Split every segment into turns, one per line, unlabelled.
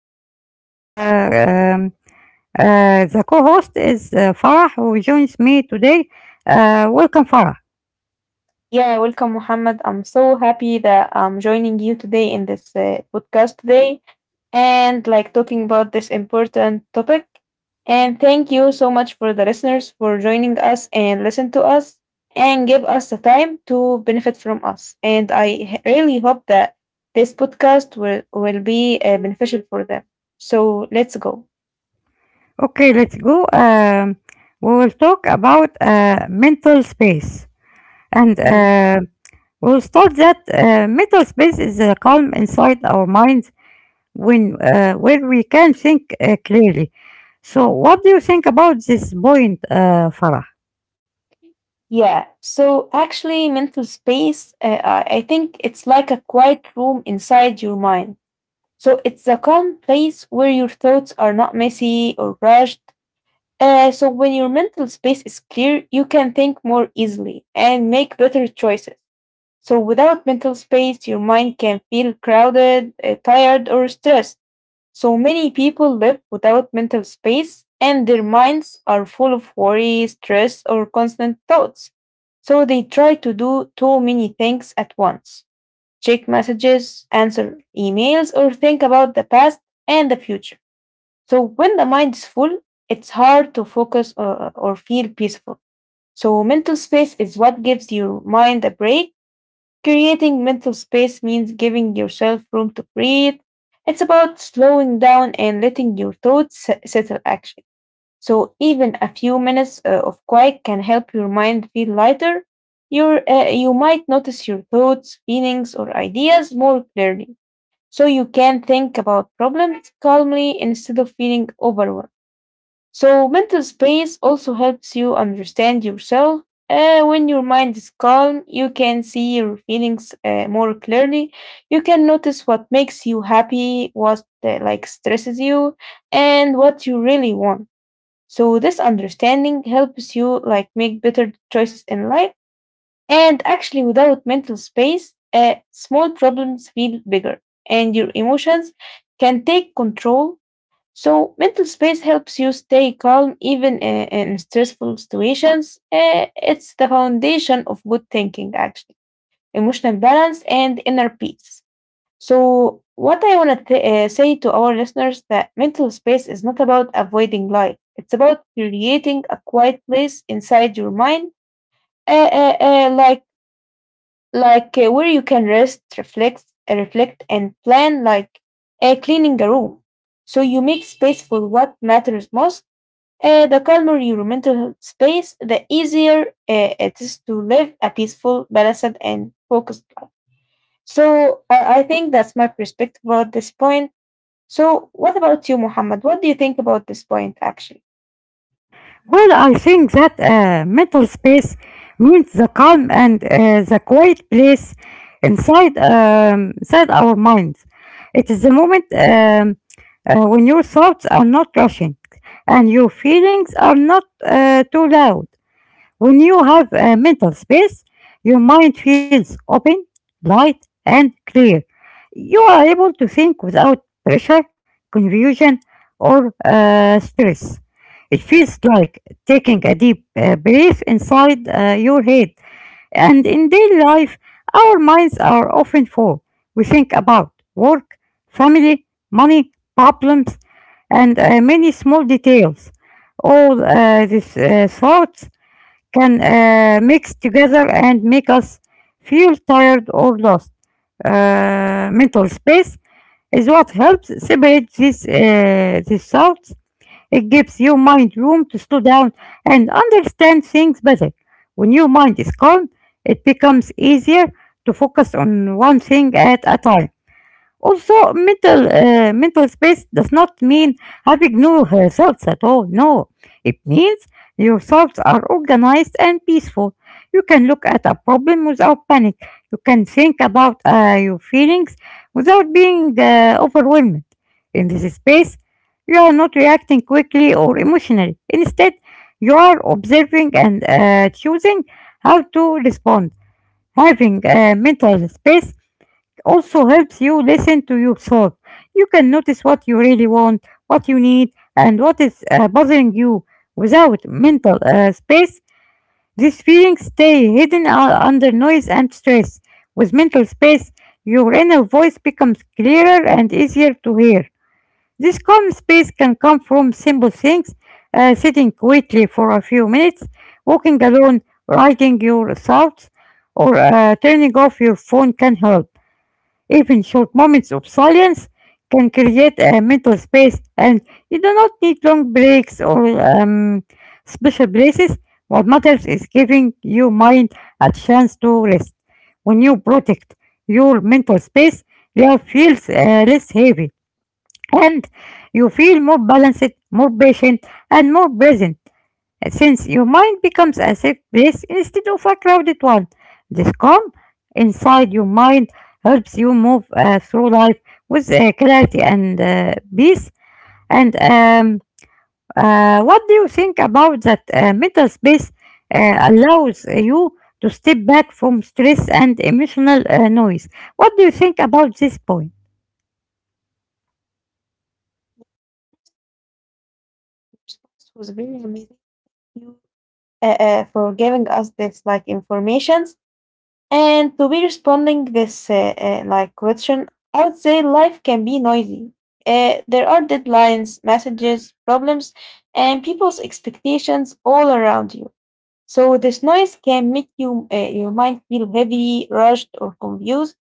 and today the co-host is Farah who joins me today. Welcome Farah.
Yeah, welcome, Muhammad. I'm so happy that I'm joining you today in this podcast today and like talking about this important topic. And thank you so much for the listeners for joining us and listen to us and give us the time to benefit from us. And really hope that this podcast will be beneficial for them. So let's go.
Okay, let's go. We will talk about mental space and
Hmm.
we'll start that mental space is a calm inside our minds when where we can think clearly. So, what do you think about this point, Farah?
Yeah, so actually, mental space, I think it's like a quiet room inside your mind. So it's a calm place where your thoughts are not messy or rushed. So when your mental space is clear, you can think more easily and make better choices. So without mental space, your mind can feel crowded, tired, or stressed. So many people live without mental space and their minds are full of worry, stress, or constant thoughts. So they try to do too many things at once, check messages, answer emails, or think about the past and the future. So when the mind is full, it's hard to focus or feel peaceful. So mental space is what gives your mind a break. Creating mental space means giving yourself room to breathe. It's about slowing down and letting your settle action. So even a few minutes of quiet can help your mind feel lighter. You might notice your thoughts, feelings, or ideas more clearly. So you can think about problems calmly instead of feeling overwhelmed. So mental space also helps you understand yourself. When your mind is calm, you can see your feelings more clearly. You can notice what makes you happy, what like stresses you, and what you really want. So this understanding helps you like make better choices in life. And actually, without mental space, small problems feel bigger, and your emotions can take control. So mental space helps you stay calm even in stressful situations. It's the foundation of good thinking, actually, emotional balance and inner peace. So, what I want to say to our listeners that mental space is not about avoiding light. It's about creating a quiet place inside your mind, uh, uh, uh, like where you can rest, reflect, reflect, and plan, like cleaning a room. So you make space for what matters most. The calmer your mental space, the easier it is to live a peaceful, balanced, and focused life. So I think that's my perspective about this point. So, what about you, Muhammad? What do you think about this point, actually? Mhm.
Well, I think that mental space means the calm and the quiet place inside inside our minds. It is the moment when your thoughts are not rushing and your feelings are not too loud. When you have a mental space, your mind feels open, light, and clear. You are able to think without pressure, confusion, or stress. It feels like taking a deep breath inside your head. And in daily life, our minds are often full. We think about work, family, money, problems, and many small details. All these thoughts can mix together and make us feel tired or lost. Mental space is what helps separate these thoughts. It gives your mind room to slow down and understand things better. When your mind is calm, it becomes easier to focus on one thing at a time. Also, mental space does not mean having no thoughts at all. No, it means your thoughts are organized and peaceful. You can look at a problem without panic. You can think about your feelings without being overwhelmed. In this space, you are not reacting quickly or emotionally. Instead, you are observing and choosing how to respond. Having a mental space also helps you listen to yourself. You can notice what you really want, what you need, and what is bothering you. Without mental space, these feelings stay hidden under noise and stress. With mental space, your inner voice becomes clearer and easier to hear. This calm space can come from simple things, sitting quietly for a few minutes, walking alone, writing your thoughts, or turning off your phone can help. Even short moments of silence can create a mental space, and you do not need long breaks or special places. What matters is giving your mind a chance to rest. When you protect your mental space, life feels less heavy, and you feel more balanced, more patient, and more present since your mind becomes a safe place instead of a crowded one. This calm inside your mind helps you move through life with clarity and peace. And what do you think about that mental space allows you to step back from stress and emotional noise? What do you think about this point?
Your response was very amazing. You For giving us this like informations and to be responding this like question. I would say life can be noisy. There are deadlines, messages, problems, and people's expectations all around you. So this noise can make your mind feel heavy, rushed, or confused.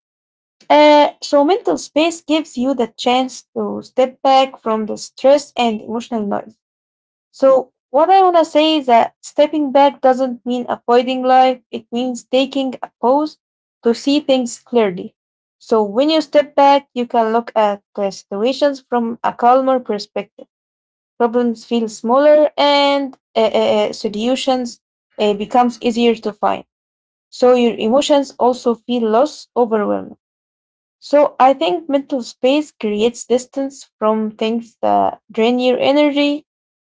So mental space gives you the chance to step back from the stress and emotional noise. So what I want to say is that stepping back doesn't mean avoiding life. It means taking a pause to see things clearly. So when you step back, you can look at the situations from a calmer perspective. Problems feel smaller and solutions becomes easier to find. So your emotions also feel less overwhelming. So I think mental space creates distance from things that drain your energy.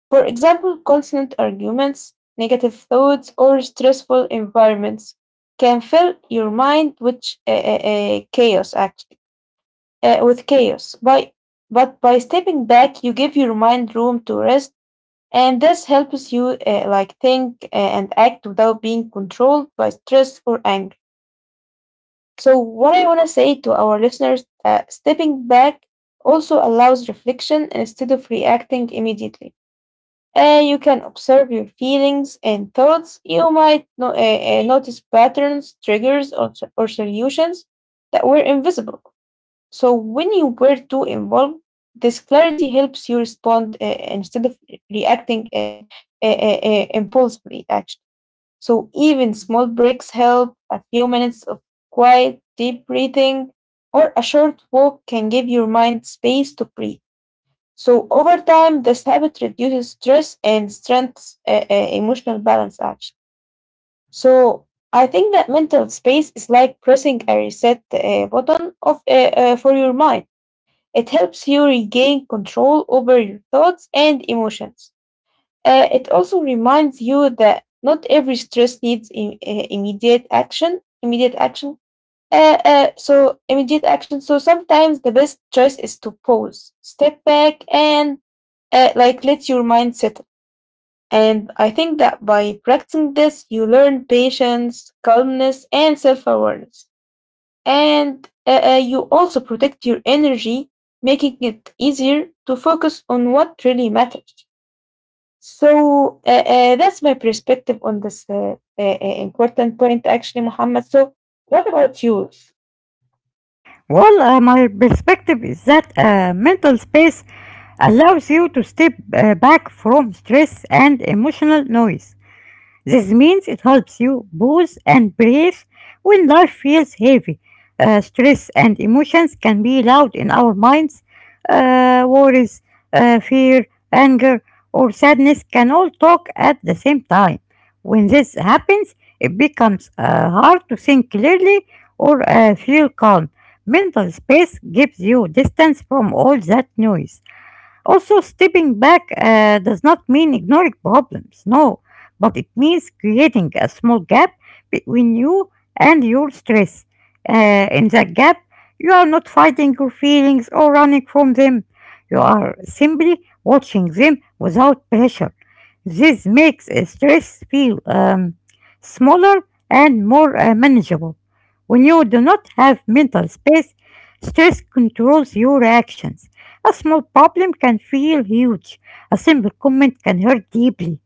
For example, constant arguments, negative thoughts, or stressful environments can fill your mind with chaos. Actually, with chaos. By but by stepping back, you give your mind room to rest, and this helps you like think and act without being controlled by stress or anger. So, what I want to say to our listeners that stepping back also allows reflection instead of reacting immediately. You can observe your feelings and thoughts. You might notice patterns, triggers, or solutions that were invisible. So, when you were too involved, this clarity helps you respond instead of reacting impulsively, actually. So even small breaks help. A few minutes of quiet, deep breathing, or a short walk can give your mind space to breathe. So over time, this habit reduces stress and strengthens emotional balance. Actually, so I think that mental space is like pressing a reset button of for your mind. It helps you regain control over your thoughts and emotions. It also reminds you that not every stress needs immediate action. Immediate action. So immediate action. So sometimes the best choice is to pause, step back, and like let your mind settle. And I think that by practicing this, you learn patience, calmness, and self-awareness. And you also protect your energy, making it easier to focus on what really matters. So that's my perspective on this important point, actually, Muhammad. So, what about you?
Well, my perspective is that mental space allows you to step back from stress and emotional noise. This means it helps you pause and breathe when life feels heavy. Stress and emotions can be loud in our minds. Worries, fear, anger, or sadness can all talk at the same time. When this happens, it becomes hard to think clearly or feel calm. Mental space gives you distance from all that noise. Also, stepping back does not mean ignoring problems, no, but it means creating a small gap between you and your stress. In that gap, you are not fighting your feelings or running from them. You are simply watching them without pressure. This makes stress feel smaller and more manageable. When you do not have mental space, stress controls your actions. A small problem can feel huge. A simple comment can hurt deeply.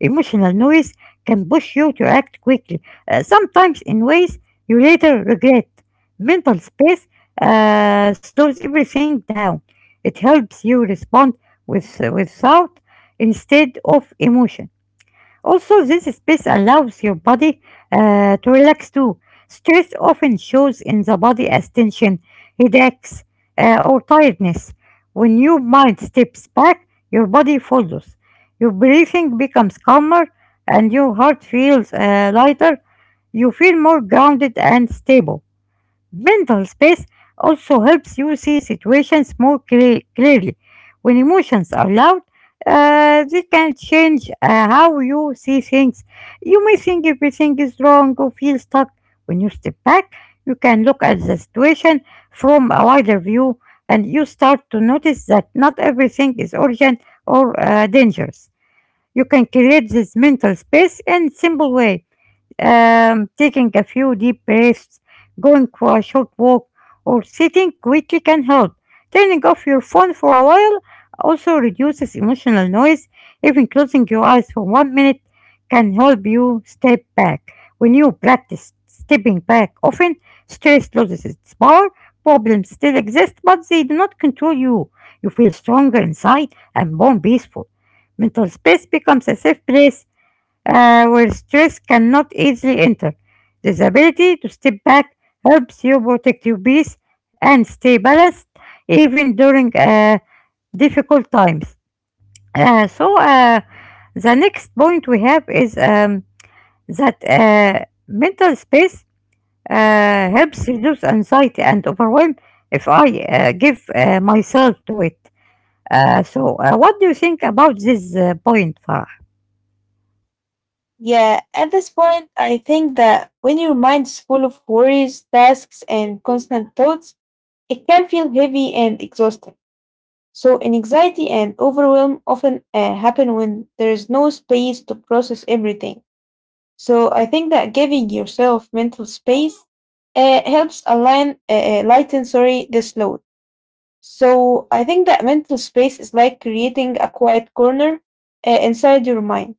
Emotional noise can push you to act quickly, sometimes in ways you later regret. Mental space slows everything down. It helps you respond without instead of emotion. Also, this space allows your body to relax too. Stress often shows in the body as tension, headaches, or tiredness. When your mind steps back, your body follows. Your breathing becomes calmer and your heart feels lighter. You feel more grounded and stable. Mental space also helps you see situations clearly. When emotions are loud, they can change how you see things. You may think everything is wrong or feel stuck. When you step back, you can look at the situation from a wider view and you start to notice that not everything is urgent or dangerous. You can create this mental space in simple way taking a few deep breaths, going for a short walk, or sitting quickly can help. Turning off your phone for a while also reduces emotional noise. Even closing your eyes for one minute can help you step back. When you practice stepping back often, stress loses its power. Problems still exist, but they do not control you. You feel stronger inside and more peaceful. Mental space becomes a safe place where stress cannot easily enter. This ability to step back helps you protect your peace and stay balanced even during difficult times. Uh, so, uh, the next point we have is that mental space helps reduce anxiety and overwhelm if I give myself to it. So what do you think about this point, Farah?
Yeah, at this point, I think that when your mind is full of worries, tasks, and constant thoughts, it can feel heavy and exhausting. So, anxiety and overwhelm often happen when there is no space to process everything. So, I think that giving yourself mental space helps lighten, sorry, this load. So, I think that mental space is like creating a quiet corner inside your mind,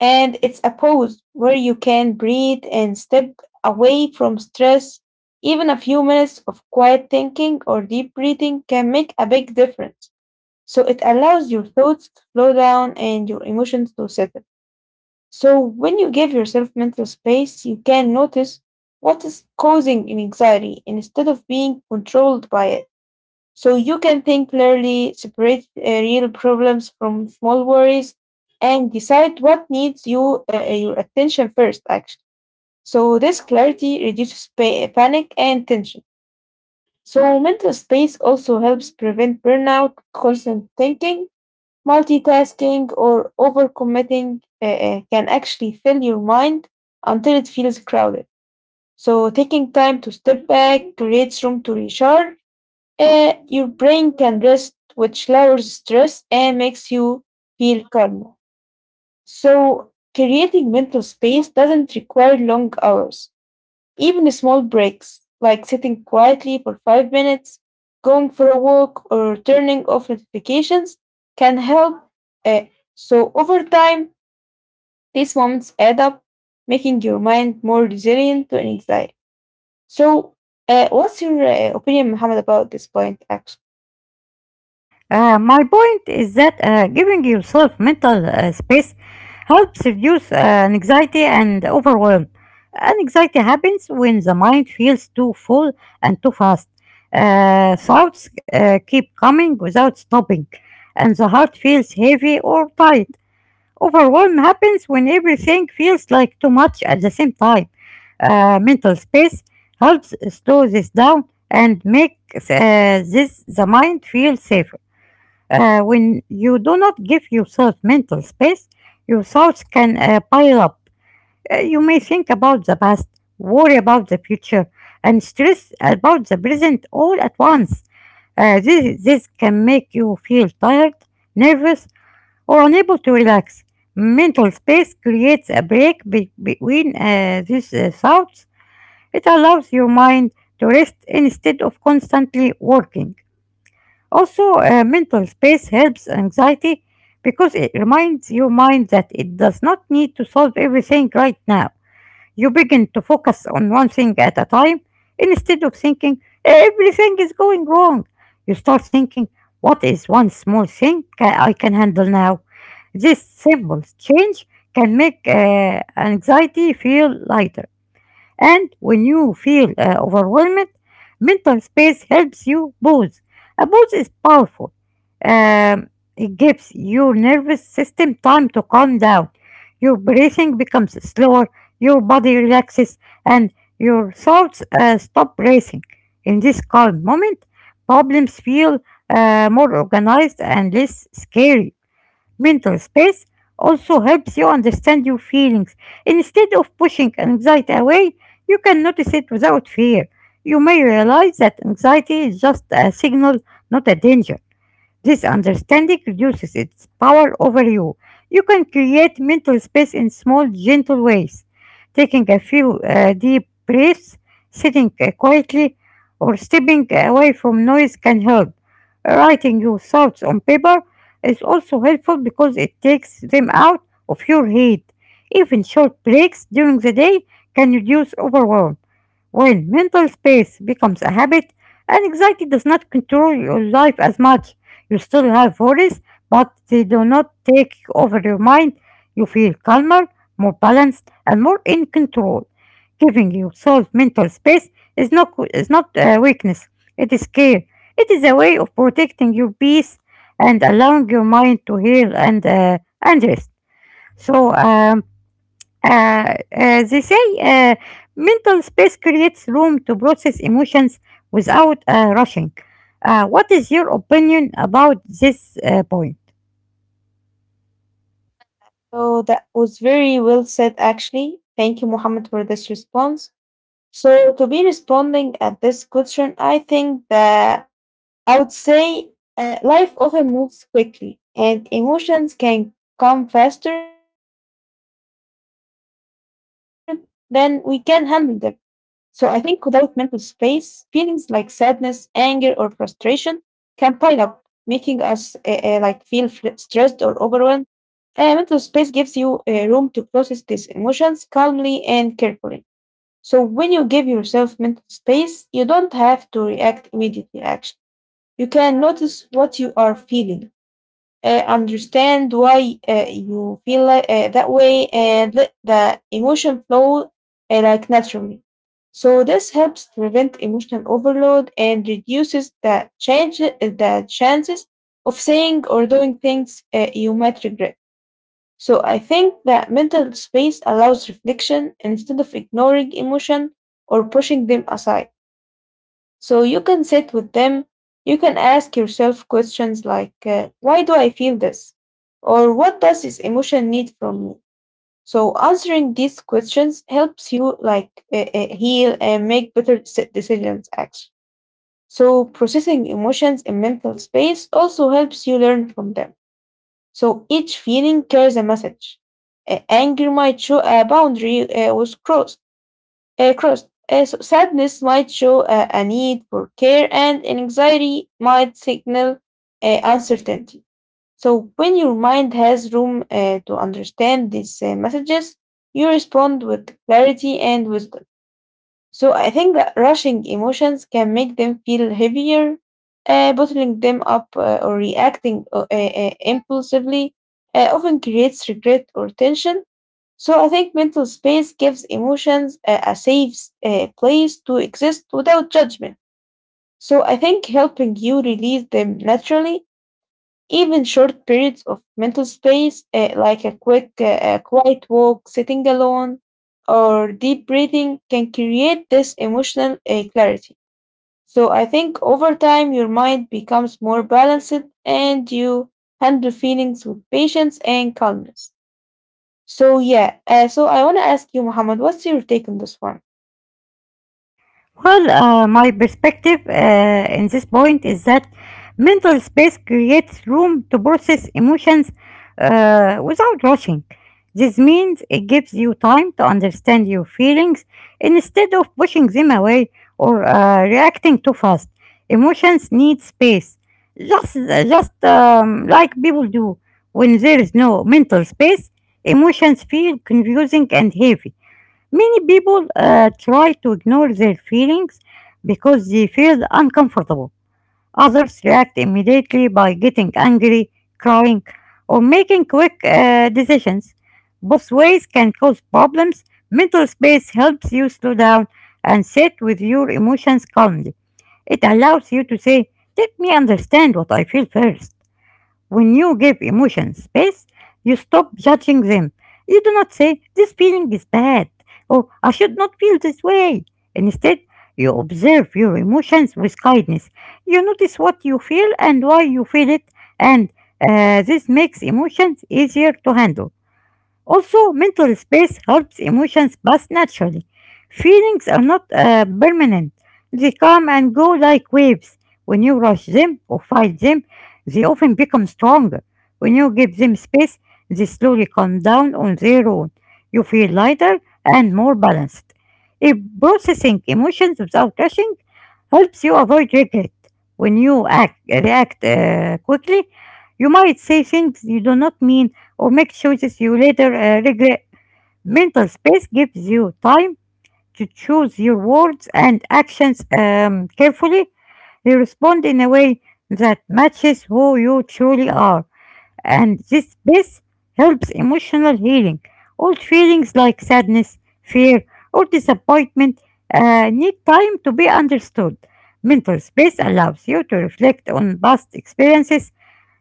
and it's a pause where you can breathe and step away from stress. Even a few minutes of quiet thinking or deep breathing can make a big difference. So it allows your thoughts to slow down and your emotions to settle. So when you give yourself mental space, you can notice what is causing an anxiety instead of being controlled by it. So you can think clearly, separate real problems from small worries, and decide what needs your attention first. Actually, so this clarity reduces panic and tension. So mental space also helps prevent burnout, constant thinking, multitasking or overcommitting can actually fill your mind until it feels crowded. So, taking time to step back creates room to recharge. Your brain can rest, which lowers stress and makes you feel calmer. So, creating mental space doesn't require long hours. Even small breaks, like sitting quietly for 5 minutes, going for a walk, or turning off notifications, can help. uh, so, over time, these moments add up, making your mind more resilient to anxiety. So, what's your opinion, Muhammad, about this point, actually?
My point is that giving yourself mental space helps reduce anxiety and overwhelm. Anxiety happens when the mind feels too full and too fast. Thoughts keep coming without stopping, and the heart feels heavy or tight. Overwhelm happens when everything feels like too much at the same time. Mental space helps slow this down and make this the mind feel safe. When you do not give yourself mental space, your thoughts can pile up. You may think about the past, worry about the future, and stress about the present all at once. This can make you feel tired, nervous, or unable to relax. Mental space creates a break between these thoughts. It allows your mind to rest instead of constantly working. Also, mental space helps anxiety because it reminds your mind that it does not need to solve everything right now. You begin to focus on one thing at a time instead of thinking everything is going wrong. You start thinking, what is one small thing I can handle now? This simple change can make anxiety feel lighter. And when you feel overwhelmed, mental space helps you pause. A pause is powerful. Um, it gives your nervous system time to calm down. Your breathing becomes slower, your body relaxes, and your thoughts stop racing. In this calm moment, problems feel more organized and less scary. Mental space also helps you understand your feelings. Instead of pushing anxiety away, you can notice it without fear. You may realize that anxiety is just a signal, not a danger. This understanding reduces its power over you. You can create mental space in small, gentle ways, taking a few deep breaths, sitting quietly, or stepping away from noise can help. Writing your thoughts on paper is also helpful because it takes them out of your head. Even short breaks during the day can reduce overwhelm. When mental space becomes a habit, anxiety does not control your life as much. You still have worries, but they do not take over your mind. You feel calmer, more balanced, and more in control. Giving yourself mental space is not a weakness. It is care. It is a way of protecting your peace and allowing your mind to heal and rest. So um, uh, uh, they say mental space creates room to process emotions without rushing. What is your opinion about this point?
So, that was very well said, actually. Thank you, Muhammad, for this response. So, to be responding at this question, I think that I would say life often moves quickly and emotions can come faster than we can handle them. So I think without mental space, feelings like sadness, anger, or frustration can pile up, making us like feel stressed or overwhelmed. Mental space gives you room to process these emotions calmly and carefully. So when you give yourself mental space, you don't have to react immediately, actually. You can notice what you are feeling, understand why you feel that way, and let the emotion flow like naturally. So this helps prevent emotional overload and reduces the chances of saying or doing things you might regret. So I think that mental space allows reflection instead of ignoring emotion or pushing them aside. So you can sit with them. You can ask yourself questions like, why do I feel this? Or what does this emotion need from me? So answering these questions helps you like heal and make better decisions actually. So processing emotions in mental space also helps you learn from them. So each feeling carries a message. Anger might show a boundary was crossed. So sadness might show a need for care, and anxiety might signal uncertainty. So, when your mind has room to understand these messages, you respond with clarity and wisdom. So, I think that rushing emotions can make them feel heavier, bottling them up or reacting impulsively often creates regret or tension. So I think mental space gives emotions a safe place to exist without judgment. So I think helping you release them naturally, even short periods of mental space, like a quick, quiet walk, sitting alone, or deep breathing, can create this emotional clarity. So I think over time your mind becomes more balanced and you handle feelings with patience and calmness. So yeah, so I want to ask you, Muhammad, what's your take on this one?
Well, my perspective in this point is that mental space creates room to process emotions without rushing. This means it gives you time to understand your feelings instead of pushing them away or reacting too fast. Emotions need space, just like people do. When there is no mental space, emotions feel confusing and heavy. Many people try to ignore their feelings because they feel uncomfortable. Others react immediately by getting angry, crying, or making quick decisions. Both ways can cause problems. Mental space helps you slow down and sit with your emotions calmly. It allows you to say, Let me understand what I feel first." When you give emotions space, you stop judging them. You do not say, This feeling is bad, or I should not feel this way. Instead, you observe your emotions with kindness. You notice what you feel and why you feel it, and this makes emotions easier to handle. Also, mental space helps emotions pass naturally. Feelings are not permanent, they come and go like waves. When you rush them or fight them, they often become stronger. When you give them space, they slowly calm down on their own. You feel lighter and more balanced. If processing emotions without rushing helps you avoid regret. When you react quickly, you might say things you do not mean or make choices you later regret. Mental space gives you time to choose your words and actions carefully. You respond in a way that matches who you truly are, and this space helps emotional healing. Old feelings like sadness, fear, or disappointment need time to be understood. Mental space allows you to reflect on past experiences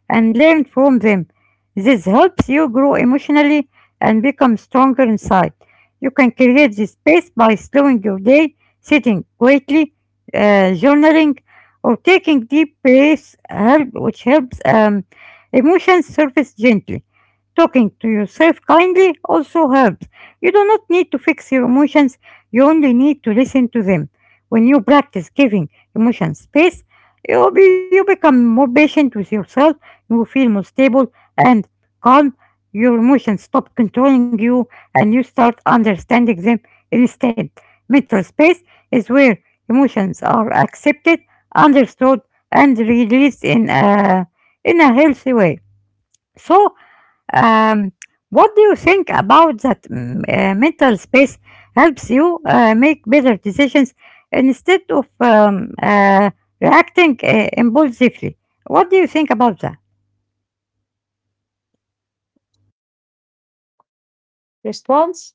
and learn from them. This helps you grow emotionally and become stronger inside. You can create this space by slowing your day, sitting quietly, journaling, or taking deep breaths, which helps emotions surface gently. Talking to yourself kindly also helps. You do not need to fix your emotions, you only need to listen to them. When you practice giving emotions space, you become more patient with yourself, you feel more stable and calm, your emotions stop controlling you, and you start understanding them instead. Mental space is where emotions are accepted, understood, and released in a healthy way. So, um, what do you think about that? Mental space helps you make better decisions instead of reacting impulsively? What do you think about that?
Response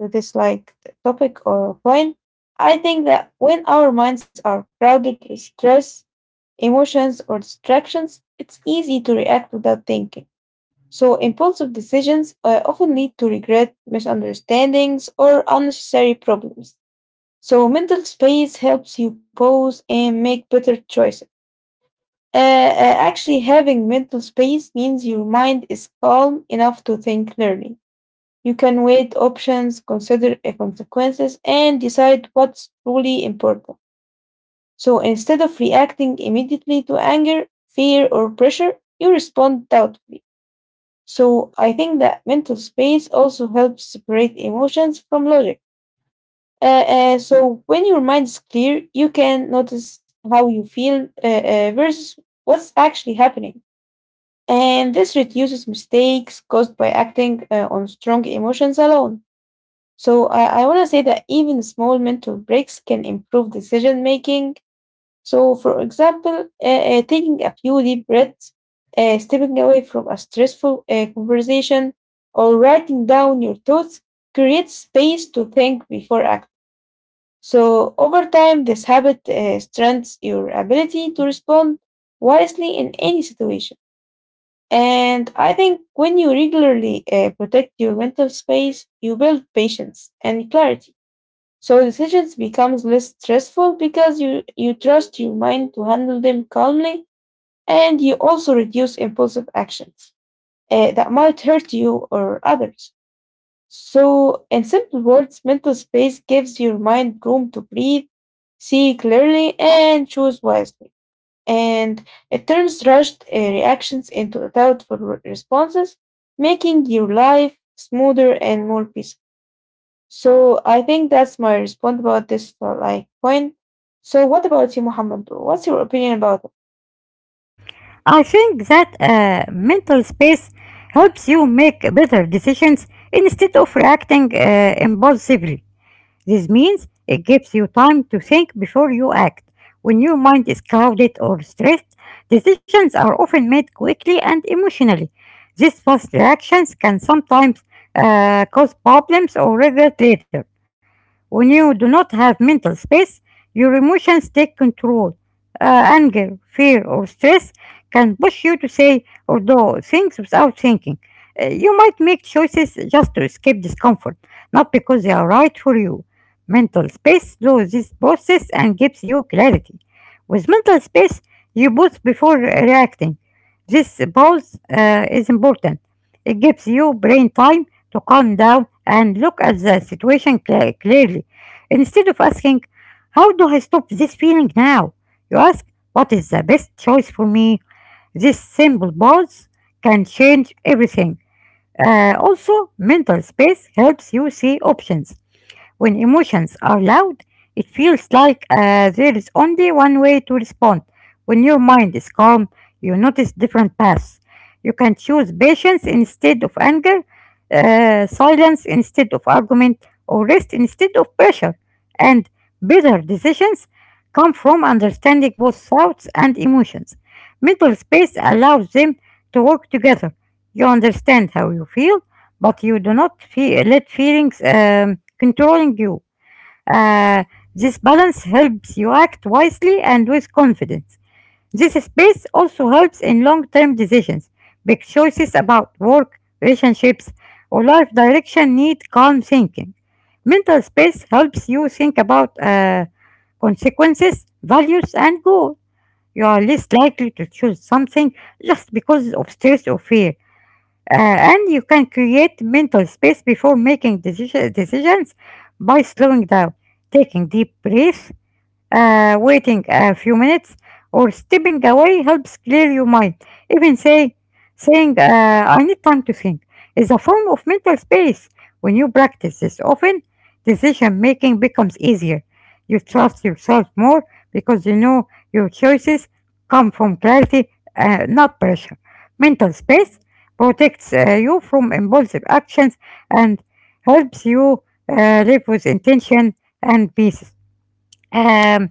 to this like topic or point? I think that when our minds are crowded with stress, emotions, or distractions, it's easy to react without thinking. So impulsive decisions often lead to regret, misunderstandings, or unnecessary problems. So mental space helps you pause and make better choices. Uh, uh, actually, having mental space means your mind is calm enough to think clearly. You can weigh options, consider consequences, and decide what's truly important. So instead of reacting immediately to anger, fear, or pressure, you respond doubtfully. So I think that mental space also helps separate emotions from logic. So when your mind is clear, you can notice how you feel versus what's actually happening. And this reduces mistakes caused by acting on strong emotions alone. So I want to say that even small mental breaks can improve decision making. So, for example, taking a few deep breaths, stepping away from a stressful conversation, or writing down your thoughts creates space to think before acting. So, over time, this habit strengthens your ability to respond wisely in any situation. And I think when you regularly protect your mental space, you build patience and clarity. So decisions becomes less stressful because you trust your mind to handle them calmly and you also reduce impulsive actions that might hurt you or others. So in simple words, mental space gives your mind room to breathe, see clearly, and choose wisely, and it turns rushed reactions into thoughtful responses, making your life smoother and more peaceful. So I think that's my response about this like point. So what about you, Muhammad? What's your opinion about it?
I think that mental space helps you make better decisions instead of reacting impulsively. This means it gives you time to think before you act. When your mind is clouded or stressed, decisions are often made quickly and emotionally. These fast reactions can sometimes cause problems or regret later. When you do not have mental space, your emotions take control. Anger, fear, or stress can push you to say or do things without thinking. You might make choices just to escape discomfort, not because they are right for you. Mental space slows this process and gives you clarity. With mental space, you pause before reacting. This pause is important. It gives you brain time to calm down and look at the situation clearly. Instead of asking, How do I stop this feeling now? You ask, What is the best choice for me? This simple pause can change everything. Also, mental space helps you see options when emotions are loud, it feels like there is only one way to respond. When your mind is calm, you notice different paths. You can choose patience instead of anger, silence instead of argument, or rest instead of pressure. And better decisions come from understanding both thoughts and emotions. Mental space allows them to work together. You understand how you feel but you do not let feelings controlling you. Uh, this balance helps you act wisely and with confidence. This space also helps in long term decisions. Big choices about work, relationships, or life direction need calm thinking. Mental space helps you think about consequences, values, and goals. You are less likely to choose something just because of stress or fear. And you can create mental space before making decisions by slowing down, taking deep breaths, waiting a few minutes or stepping away helps clear your mind. Even saying, I need time to think, is a form of mental space. When you practice this often, decision making becomes easier. You trust yourself more because you know your choices come from clarity, not pressure. Mental space protects you from impulsive actions and helps you live with intention and peace. Um,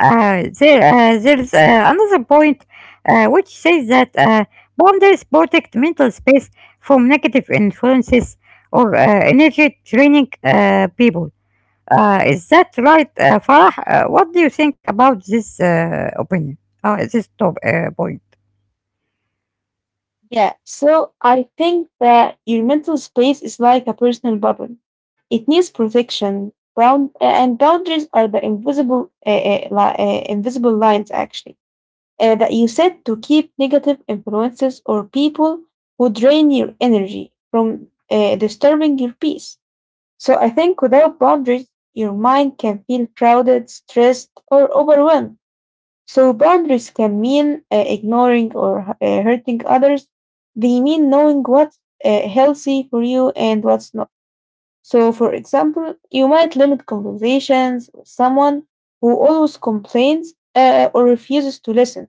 there's another point which says that boundaries protect mental space from negative influences or energy draining people. Is that right, Farah? What do you think about this opinion? This top point.
Yeah. So I think that your mental space is like a personal bubble. It needs protection. Boundaries are the invisible, invisible lines actually that you said to keep negative influences or people who drain your energy from disturbing your peace. So I think without boundaries, your mind can feel crowded, stressed, or overwhelmed. So boundaries can mean ignoring or hurting others. They mean knowing what's healthy for you and what's not. So, for example, you might limit conversations with someone who always complains or refuses to listen,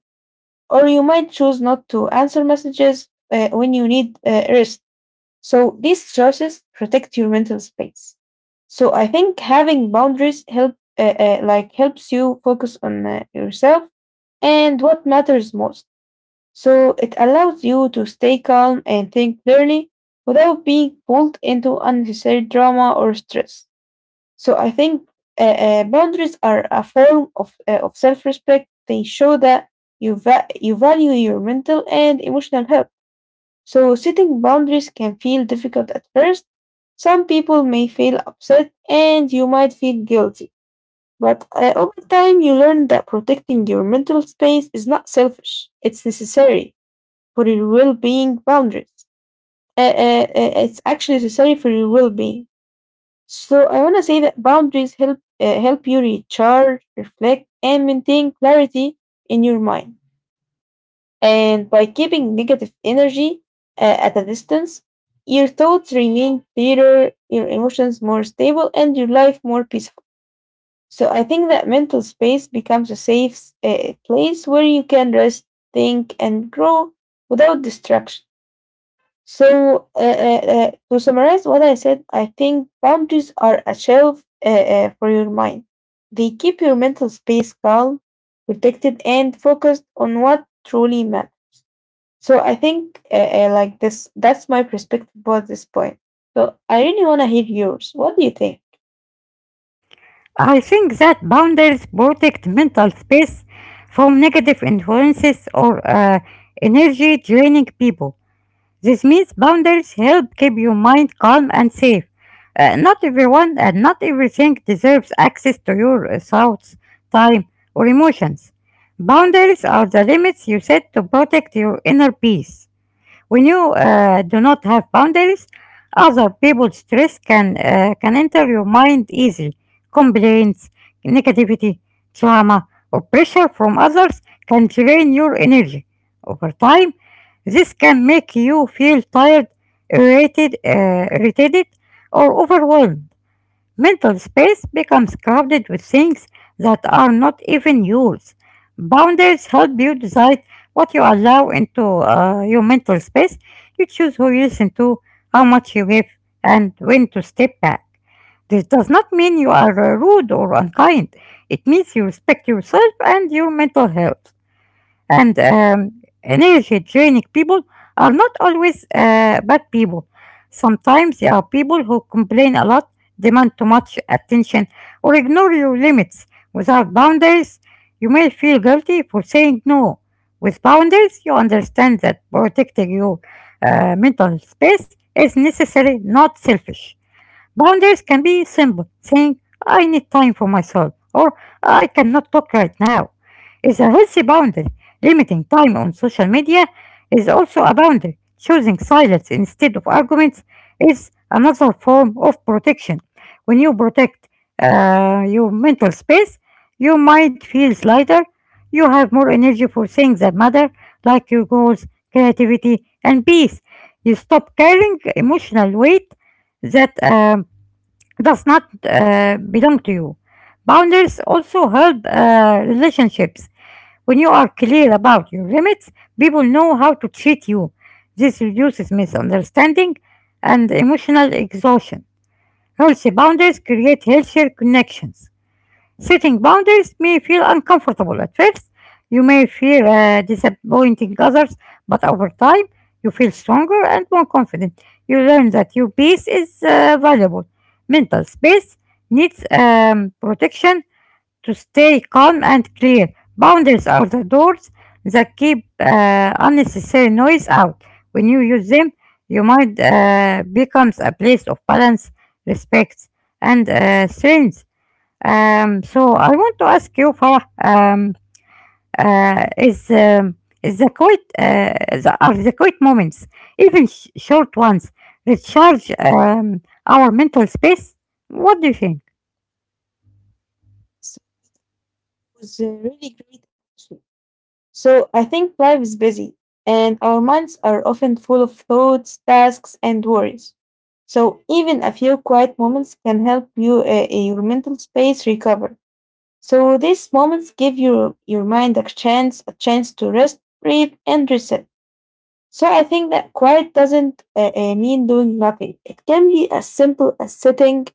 or you might choose not to answer messages when you need rest. So these choices protect your mental space. So I think having boundaries helps you focus on yourself and what matters most. So it allows you to stay calm and think clearly without being pulled into unnecessary drama or stress. So I think boundaries are a form of self respect. They show that you value your mental and emotional health. So setting boundaries can feel difficult at first. Some people may feel upset, and you might feel guilty. But over time, you learn that protecting your mental space is not selfish. It's necessary for your well-being. Boundaries. It's actually necessary for your well-being. So I want to say that boundaries help you recharge, reflect, and maintain clarity in your mind. And by keeping negative energy at a distance, your thoughts remain clearer, your emotions more stable, and your life more peaceful. So I think that mental space becomes a safe place where you can rest, think, and grow without distraction. So, to summarize what I said, I think boundaries are a shelf for your mind. They keep your mental space calm, protected, and focused on what truly matters. So, I think like this, that's my perspective about this point. So, I really want to hear yours. What do you think?
I think that boundaries protect mental space from negative influences or energy draining people. This means boundaries help keep your mind calm and safe. Not everyone and not everything deserves access to your thoughts, time, or emotions. Boundaries are the limits you set to protect your inner peace. When you do not have boundaries, other people's stress can enter your mind easily. Complaints, negativity, trauma, or pressure from others can drain your energy. Over time, this can make you feel tired, irritated, or overwhelmed. Mental space becomes crowded with things that are not even yours. Boundaries help you decide what you allow into your mental space. You choose who you listen to, how much you give, and when to step back. This does not mean you are rude or unkind. It means you respect yourself and your mental health and energy-draining people are not always bad people. Sometimes there are people who complain a lot, demand too much attention, or ignore your limits. Without boundaries, you may feel guilty for saying no. With boundaries, you understand that protecting your mental space is necessary, not selfish. Boundaries can be simple, saying, I need time for myself, or I cannot talk right now. Is a healthy boundary. Limiting time on social media is also a boundary. Choosing silence instead of arguments is another form of protection. When you protect your mental space, you might feel lighter. You have more energy for things that matter, like your goals, creativity, and peace. You stop carrying emotional weight that does not belong to you. Boundaries also help relationships. When you are clear about your limits, people know how to treat you. This reduces misunderstanding and emotional exhaustion. Healthy boundaries create healthier connections. Setting boundaries may feel uncomfortable at first. You may fear disappointing others, but over time, you feel stronger and more confident. You learn that your peace is valuable. Mental space needs protection to stay calm and clear. Boundaries are the doors that keep unnecessary noise out. When you use them, your mind becomes a place of balance, respect, and strength. So I want to ask you, Farah. Um, uh, is um, is the quiet are the, quiet moments, even short ones, recharge our mental space? What do you think?
So, it was really great. So I think life is busy, and our minds are often full of thoughts, tasks, and worries. So even a few quiet moments can help you your mental space recover. So these moments give your mind a chance to rest, breathe, and reset. So I think that quiet doesn't mean doing nothing. It can be as simple as sitting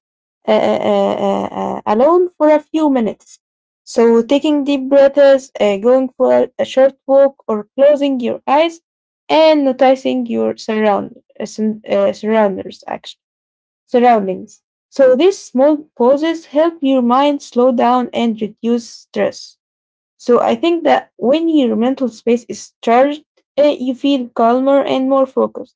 uh, uh, uh, uh, alone for a few minutes. So taking deep breaths, going for a short walk, or closing your eyes and noticing your surround sun- surrounders actually surroundings. So these small pauses help your mind slow down and reduce stress. So I think that when your mental space is charged, you feel calmer and more focused.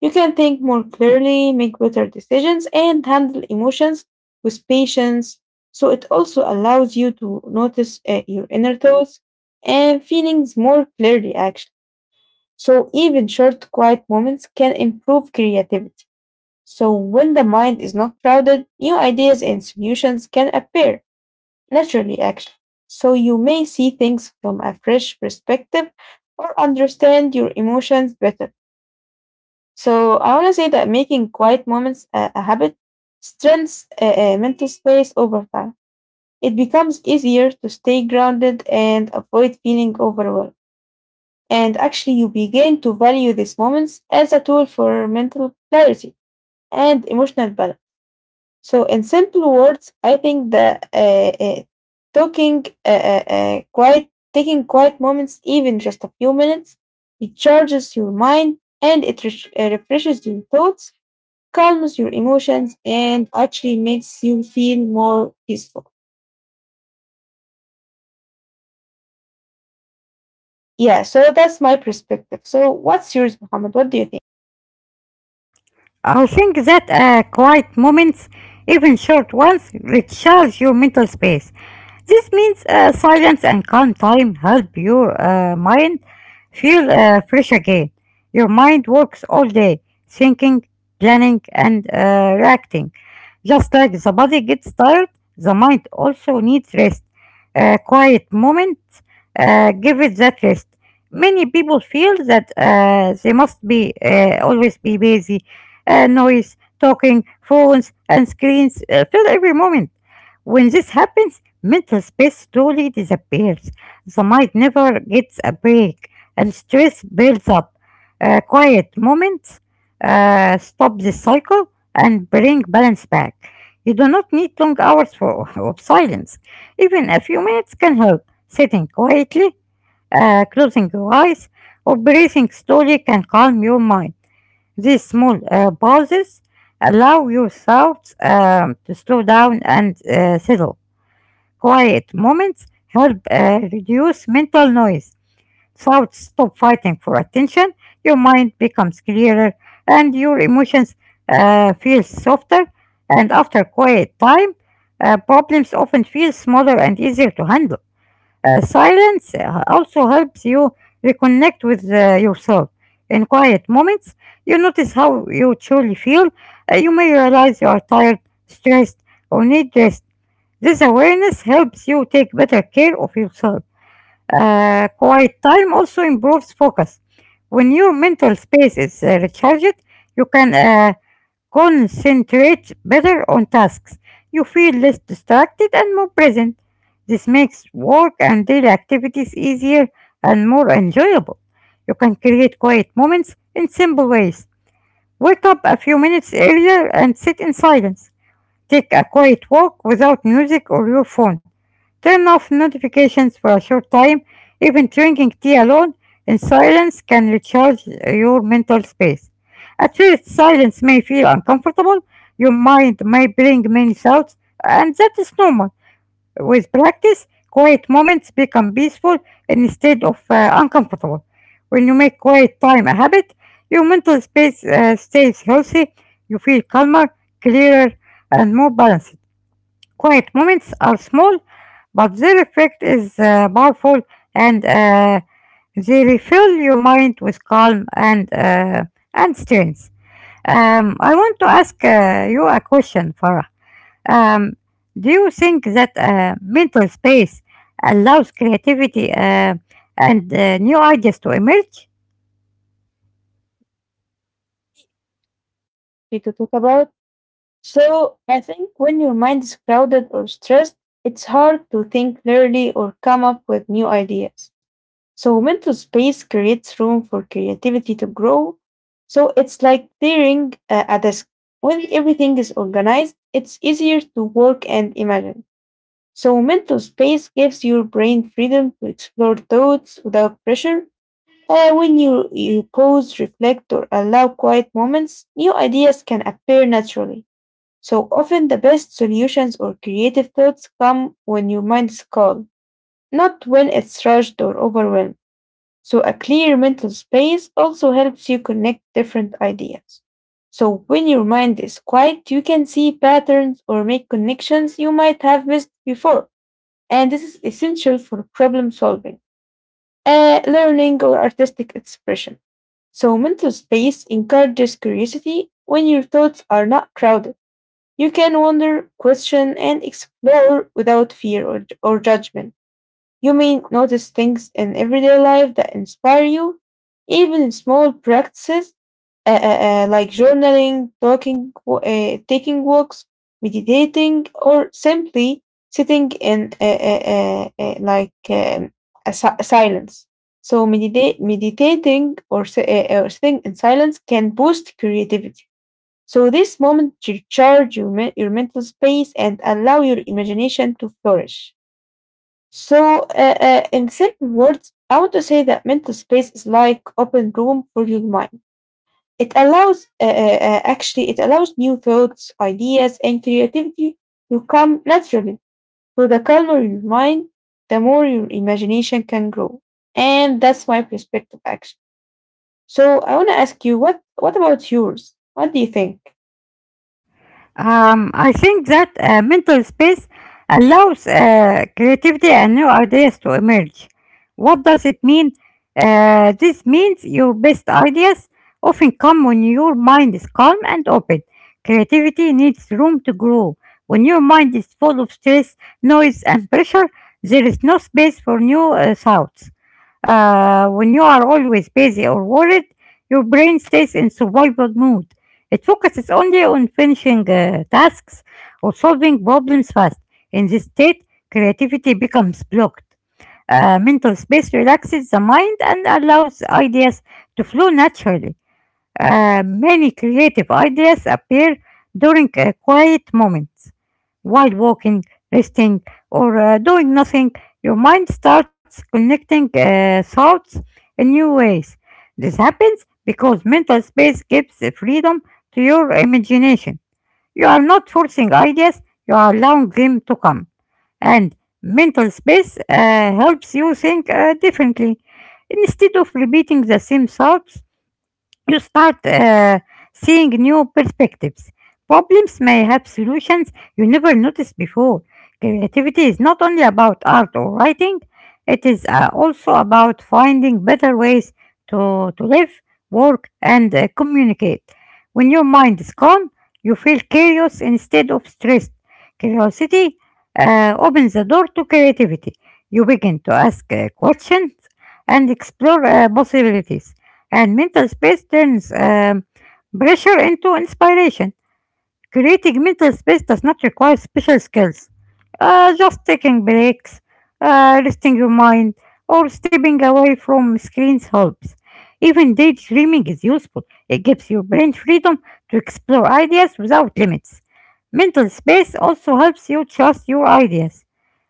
You can think more clearly, make better decisions, and handle emotions with patience. So it also allows you to notice your inner thoughts and feelings more clearly, actually. So even short, quiet moments can improve creativity. So when the mind is not crowded, new ideas and solutions can appear. Naturally, actually. So you may see things from a fresh perspective or understand your emotions better. So I want to say that making quiet moments a habit strengthens mental space over time. It becomes easier to stay grounded and avoid feeling overwhelmed. And actually, you begin to value these moments as a tool for mental clarity and emotional balance. So, in simple words, I think that talking uh, uh, uh, quiet, taking quiet moments, even just a few minutes, it charges your mind and it refreshes your thoughts, calms your emotions, and actually makes you feel more peaceful. Yeah, so that's my perspective. So, what's yours, Muhammad? What do you think
I think that quiet moments, even short ones, recharge your mental space. This means silence and calm time help your mind feel fresh again. Your mind works all day, thinking, planning, and reacting. Just like the body gets tired, the mind also needs rest. A quiet moments give it that rest. Many people feel that they must be always be busy, noise, talking, phones, and screens fill every moment. When this happens, mental space slowly disappears. The mind never gets a break, and stress builds up. Quiet moments stop this cycle and bring balance back. You do not need long hours of silence. Even a few minutes can help. Sitting quietly, closing your eyes, or breathing slowly can calm your mind. These small pauses allow your thoughts to slow down and settle. Quiet moments help reduce mental noise. Thoughts stop fighting for attention, your mind becomes clearer, and your emotions feel softer. And after quiet time, problems often feel smaller and easier to handle. Silence also helps you reconnect with yourself. In quiet moments, you notice how you truly feel. You may realize you are tired, stressed, or need rest. This awareness helps you take better care of yourself. Quiet time also improves focus. When your mental space is recharged, you can concentrates better on tasks. You feel less distracted and more present. This makes work and daily activities easier and more enjoyable. You can create quiet moments in simple ways. Wake up a few minutes earlier and sit in silence. Take a quiet walk without music or your phone. Turn off notifications for a short time. Even drinking tea alone in silence can recharge your mental space. At first, silence may feel uncomfortable. Your mind may bring many thoughts, and that is normal. With practice, quiet moments become peaceful instead of uncomfortable. When you make quiet time a habit, your mental space stays healthy. You feel calmer, clearer, and more balanced. Quiet moments are small, but their effect is powerful and they refill your mind with calm and strength. I want to ask you a question, Farah. Um, do you think that mental space allows creativity and new ideas to emerge?
we to talk about? So, I think when your mind is crowded or stressed, it's hard to think clearly or come up with new ideas. So mental space creates room for creativity to grow. So it's like clearing a desk. When everything is organized, it's easier to work and imagine. So mental space gives your brain freedom to explore thoughts without pressure. When you pause, reflect, or allow quiet moments, new ideas can appear naturally. So often the best solutions or creative thoughts come when your mind is calm, not when it's rushed or overwhelmed. So a clear mental space also helps you connect different ideas. So when your mind is quiet, you can see patterns or make connections you might have missed before. And this is essential for problem solving, learning, or artistic expression. So mental space encourages curiosity when your thoughts are not crowded. You can wonder, question, and explore without fear or judgment. You mean notice things in everyday life that inspire you, even in small practices like journaling, talking, taking walks, meditating, or simply sitting in silence. So meditating or sitting in silence can boost creativity. So this moment recharge your mental space and allow your imagination to flourish. So, in simple words, I want to say that mental space is like open room for your mind. It allows, it allows new thoughts, ideas, and creativity to come naturally. So, the calmer your mind, the more your imagination can grow. And that's my perspective, actually. So, I want to ask you, what about yours? What do you think?
I think that mental space allows creativity and new ideas to emerge. What does it mean? This means your best ideas often come when your mind is calm and open. Creativity needs room to grow. When your mind is full of stress, noise, and pressure, there is no space for new thoughts. When you are always busy or worried, your brain stays in survival mode. It focuses only on finishing tasks or solving problems fast. In this state, creativity becomes blocked. Mental space relaxes the mind and allows ideas to flow naturally. Many creative ideas appear during a quiet moments. While walking, resting, or doing nothing, your mind starts connecting thoughts in new ways. This happens because mental space gives the freedom to your imagination. You are not forcing ideas, you are allowing them to come. And mental space helps you think differently. Instead of repeating the same thoughts, you start seeing new perspectives. Problems may have solutions you never noticed before. Creativity is not only about art or writing, it is also about finding better ways to live, work, and communicate. When your mind is calm, you feel curious instead of stressed. Curiosity opens the door to creativity. You begin to ask questions and explore possibilities. And mental space turns pressure into inspiration. Creating mental space does not require special skills. Just taking breaks, resting your mind, or stepping away from screens helps. Even daydreaming is useful. It gives your brain freedom to explore ideas without limits. Mental space also helps you trust your ideas.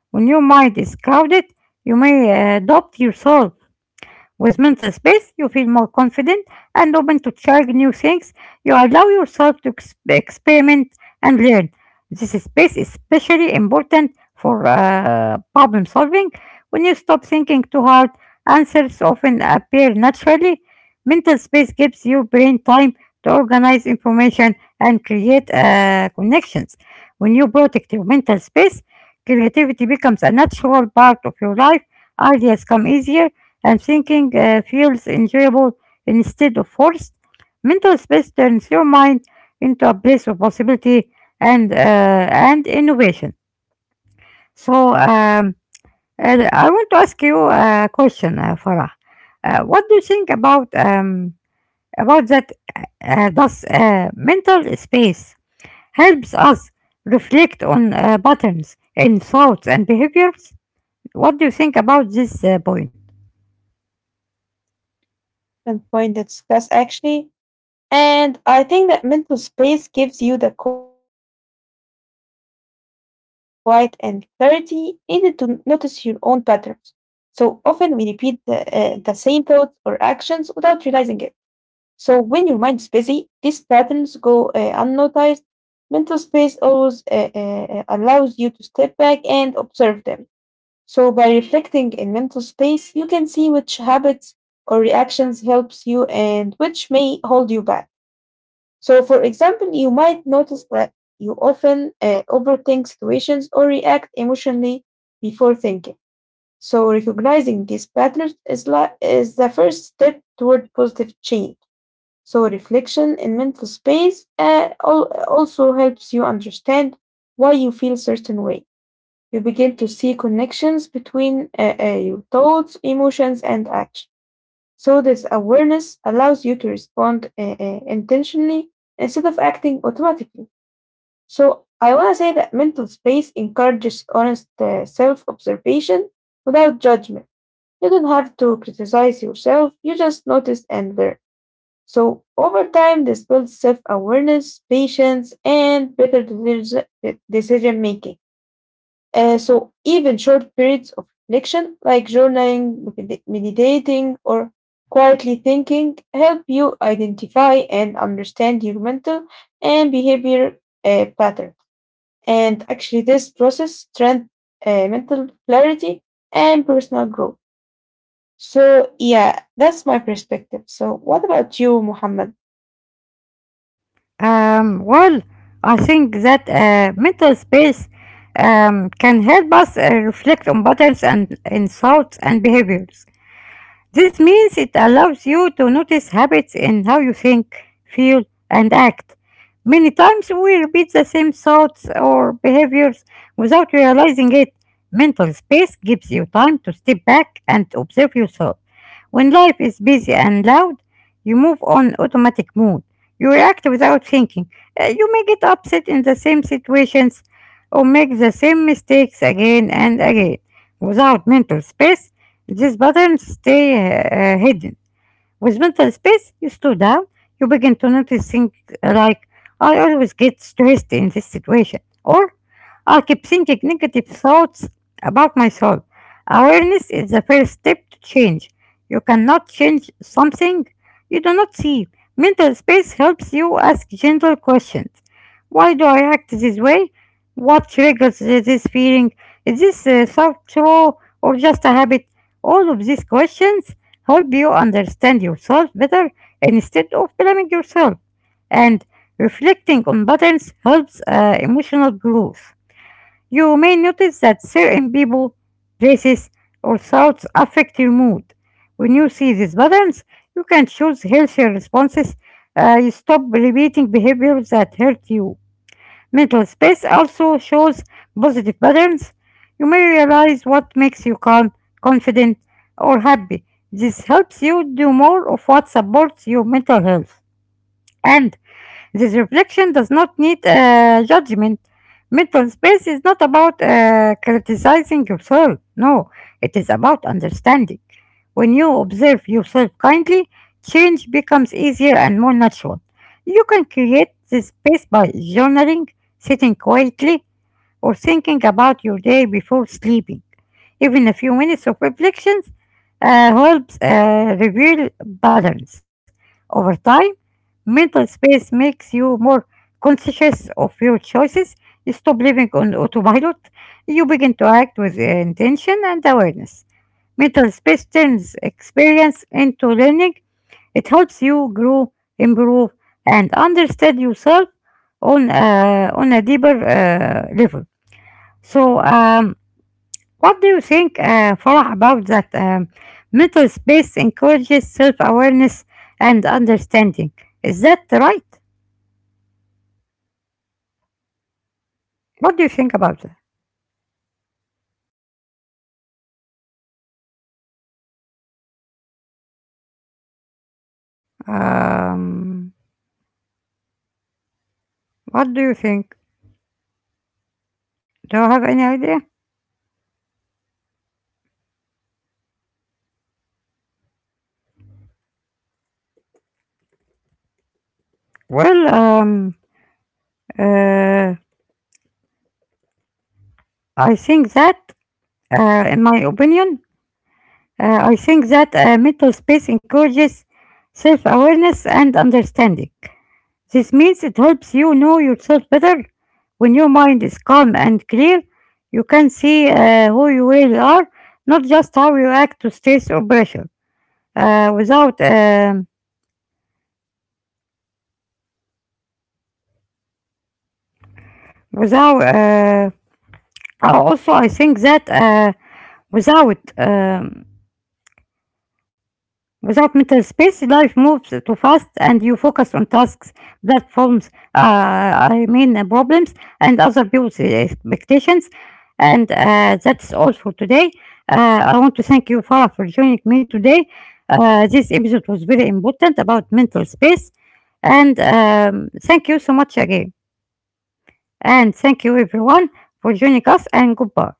When your mind is crowded, you may doubt yourself with mental space, you feel more confident and open to trying new things. You allow yourself to experiment and learn. This space is especially important for problem solving. When you stop thinking too hard, answers often appear naturally. Mental space gives your brain time to organize information and create connections. When you protect your mental space, creativity becomes a natural part of your life. Ideas come easier and thinking feels enjoyable instead of forced, mental space turns your mind into a place of possibility and and innovation. So um, I want to ask you a question, Farah. What do you think about that? Does mental space helps us reflect on patterns in thoughts and behaviors? What do you think about this point?
And point to discuss, actually. And I think that mental space gives you the quiet and clarity needed to notice your own patterns. So often we repeat the same thoughts or actions without realizing it. So when your mind's busy, these patterns go unnoticed. Mental space always allows you to step back and observe them. So by reflecting in mental space, you can see which habits or reactions helps you and which may hold you back. So, for example, you might notice that you often overthink situations or react emotionally before thinking. So, recognizing these patterns is the first step toward positive change. So, reflection in mental space also helps you understand why you feel certain way. You begin to see connections between your thoughts, emotions, and actions. So, this awareness allows you to respond intentionally instead of acting automatically. So, I want to say that mental space encourages honest self observation without judgment. You don't have to criticize yourself, you just notice and learn. So, over time, this builds self awareness, patience, and better decision making. So even short periods of reflection, like journaling, meditating, or quietly thinking, help you identify and understand your mental and behavior pattern. And actually, this process strengthens mental clarity and personal growth. So yeah, that's my perspective. So what about you, Muhammad?
Well, I think that mental space can help us reflect on patterns and in thoughts and behaviors. This means it allows you to notice habits in how you think, feel, and act. Many times we repeat the same thoughts or behaviors without realizing it. Mental space gives you time to step back and observe yourself. When life is busy and loud, you move on automatic mode. You react without thinking. You may get upset in the same situations or make the same mistakes again and again. Without mental space, these patterns stay hidden. With mental space, you slow down. You begin to notice things like, I always get stressed in this situation. Or, I keep thinking negative thoughts about myself. Awareness is the first step to change. You cannot change something you do not see. Mental space helps you ask gentle questions. Why do I act this way? What triggers this feeling? Is this thought true or just a habit? All of these questions help you understand yourself better instead of blaming yourself. And reflecting on patterns helps emotional growth. You may notice that certain people, places, or thoughts affect your mood. When you see these patterns, you can choose healthier responses. You stop repeating behaviors that hurt you. Mental space also shows positive patterns. You may realize what makes you calm, confident, or happy. This helps you do more of what supports your mental health. And this reflection does not need judgment. Mental space is not about criticizing yourself. No, it is about understanding. When you observe yourself kindly, change becomes easier and more natural. You can create this space by journaling, sitting quietly, or thinking about your day before sleeping. Even a few minutes of reflections helps reveal patterns. Over time, mental space makes you more conscious of your choices. You stop living on autopilot. You begin to act with intention and awareness. Mental space turns experience into learning. It helps you grow, improve, and understand yourself on a deeper level. So um, what do you think, Farah, about that? Mental space encourages self awareness and understanding. Is that right? What do you think about that? Um, what do you think? Do you have any idea? Well, uh, I think that, in my opinion, I think that mental space encourages self awareness and understanding. This means it helps you know yourself better. When your mind is calm and clear, you can see who you really are, not just how you act to stress or pressure. Without, without, also I think that without. Without mental space, life moves too fast and you focus on tasks, platforms, I mean problems, and other people's expectations. And that's all for today. I want to thank you, Farah, for joining me today. This episode was very important about mental space. And thank you so much again. And thank you, everyone, for joining us, and goodbye.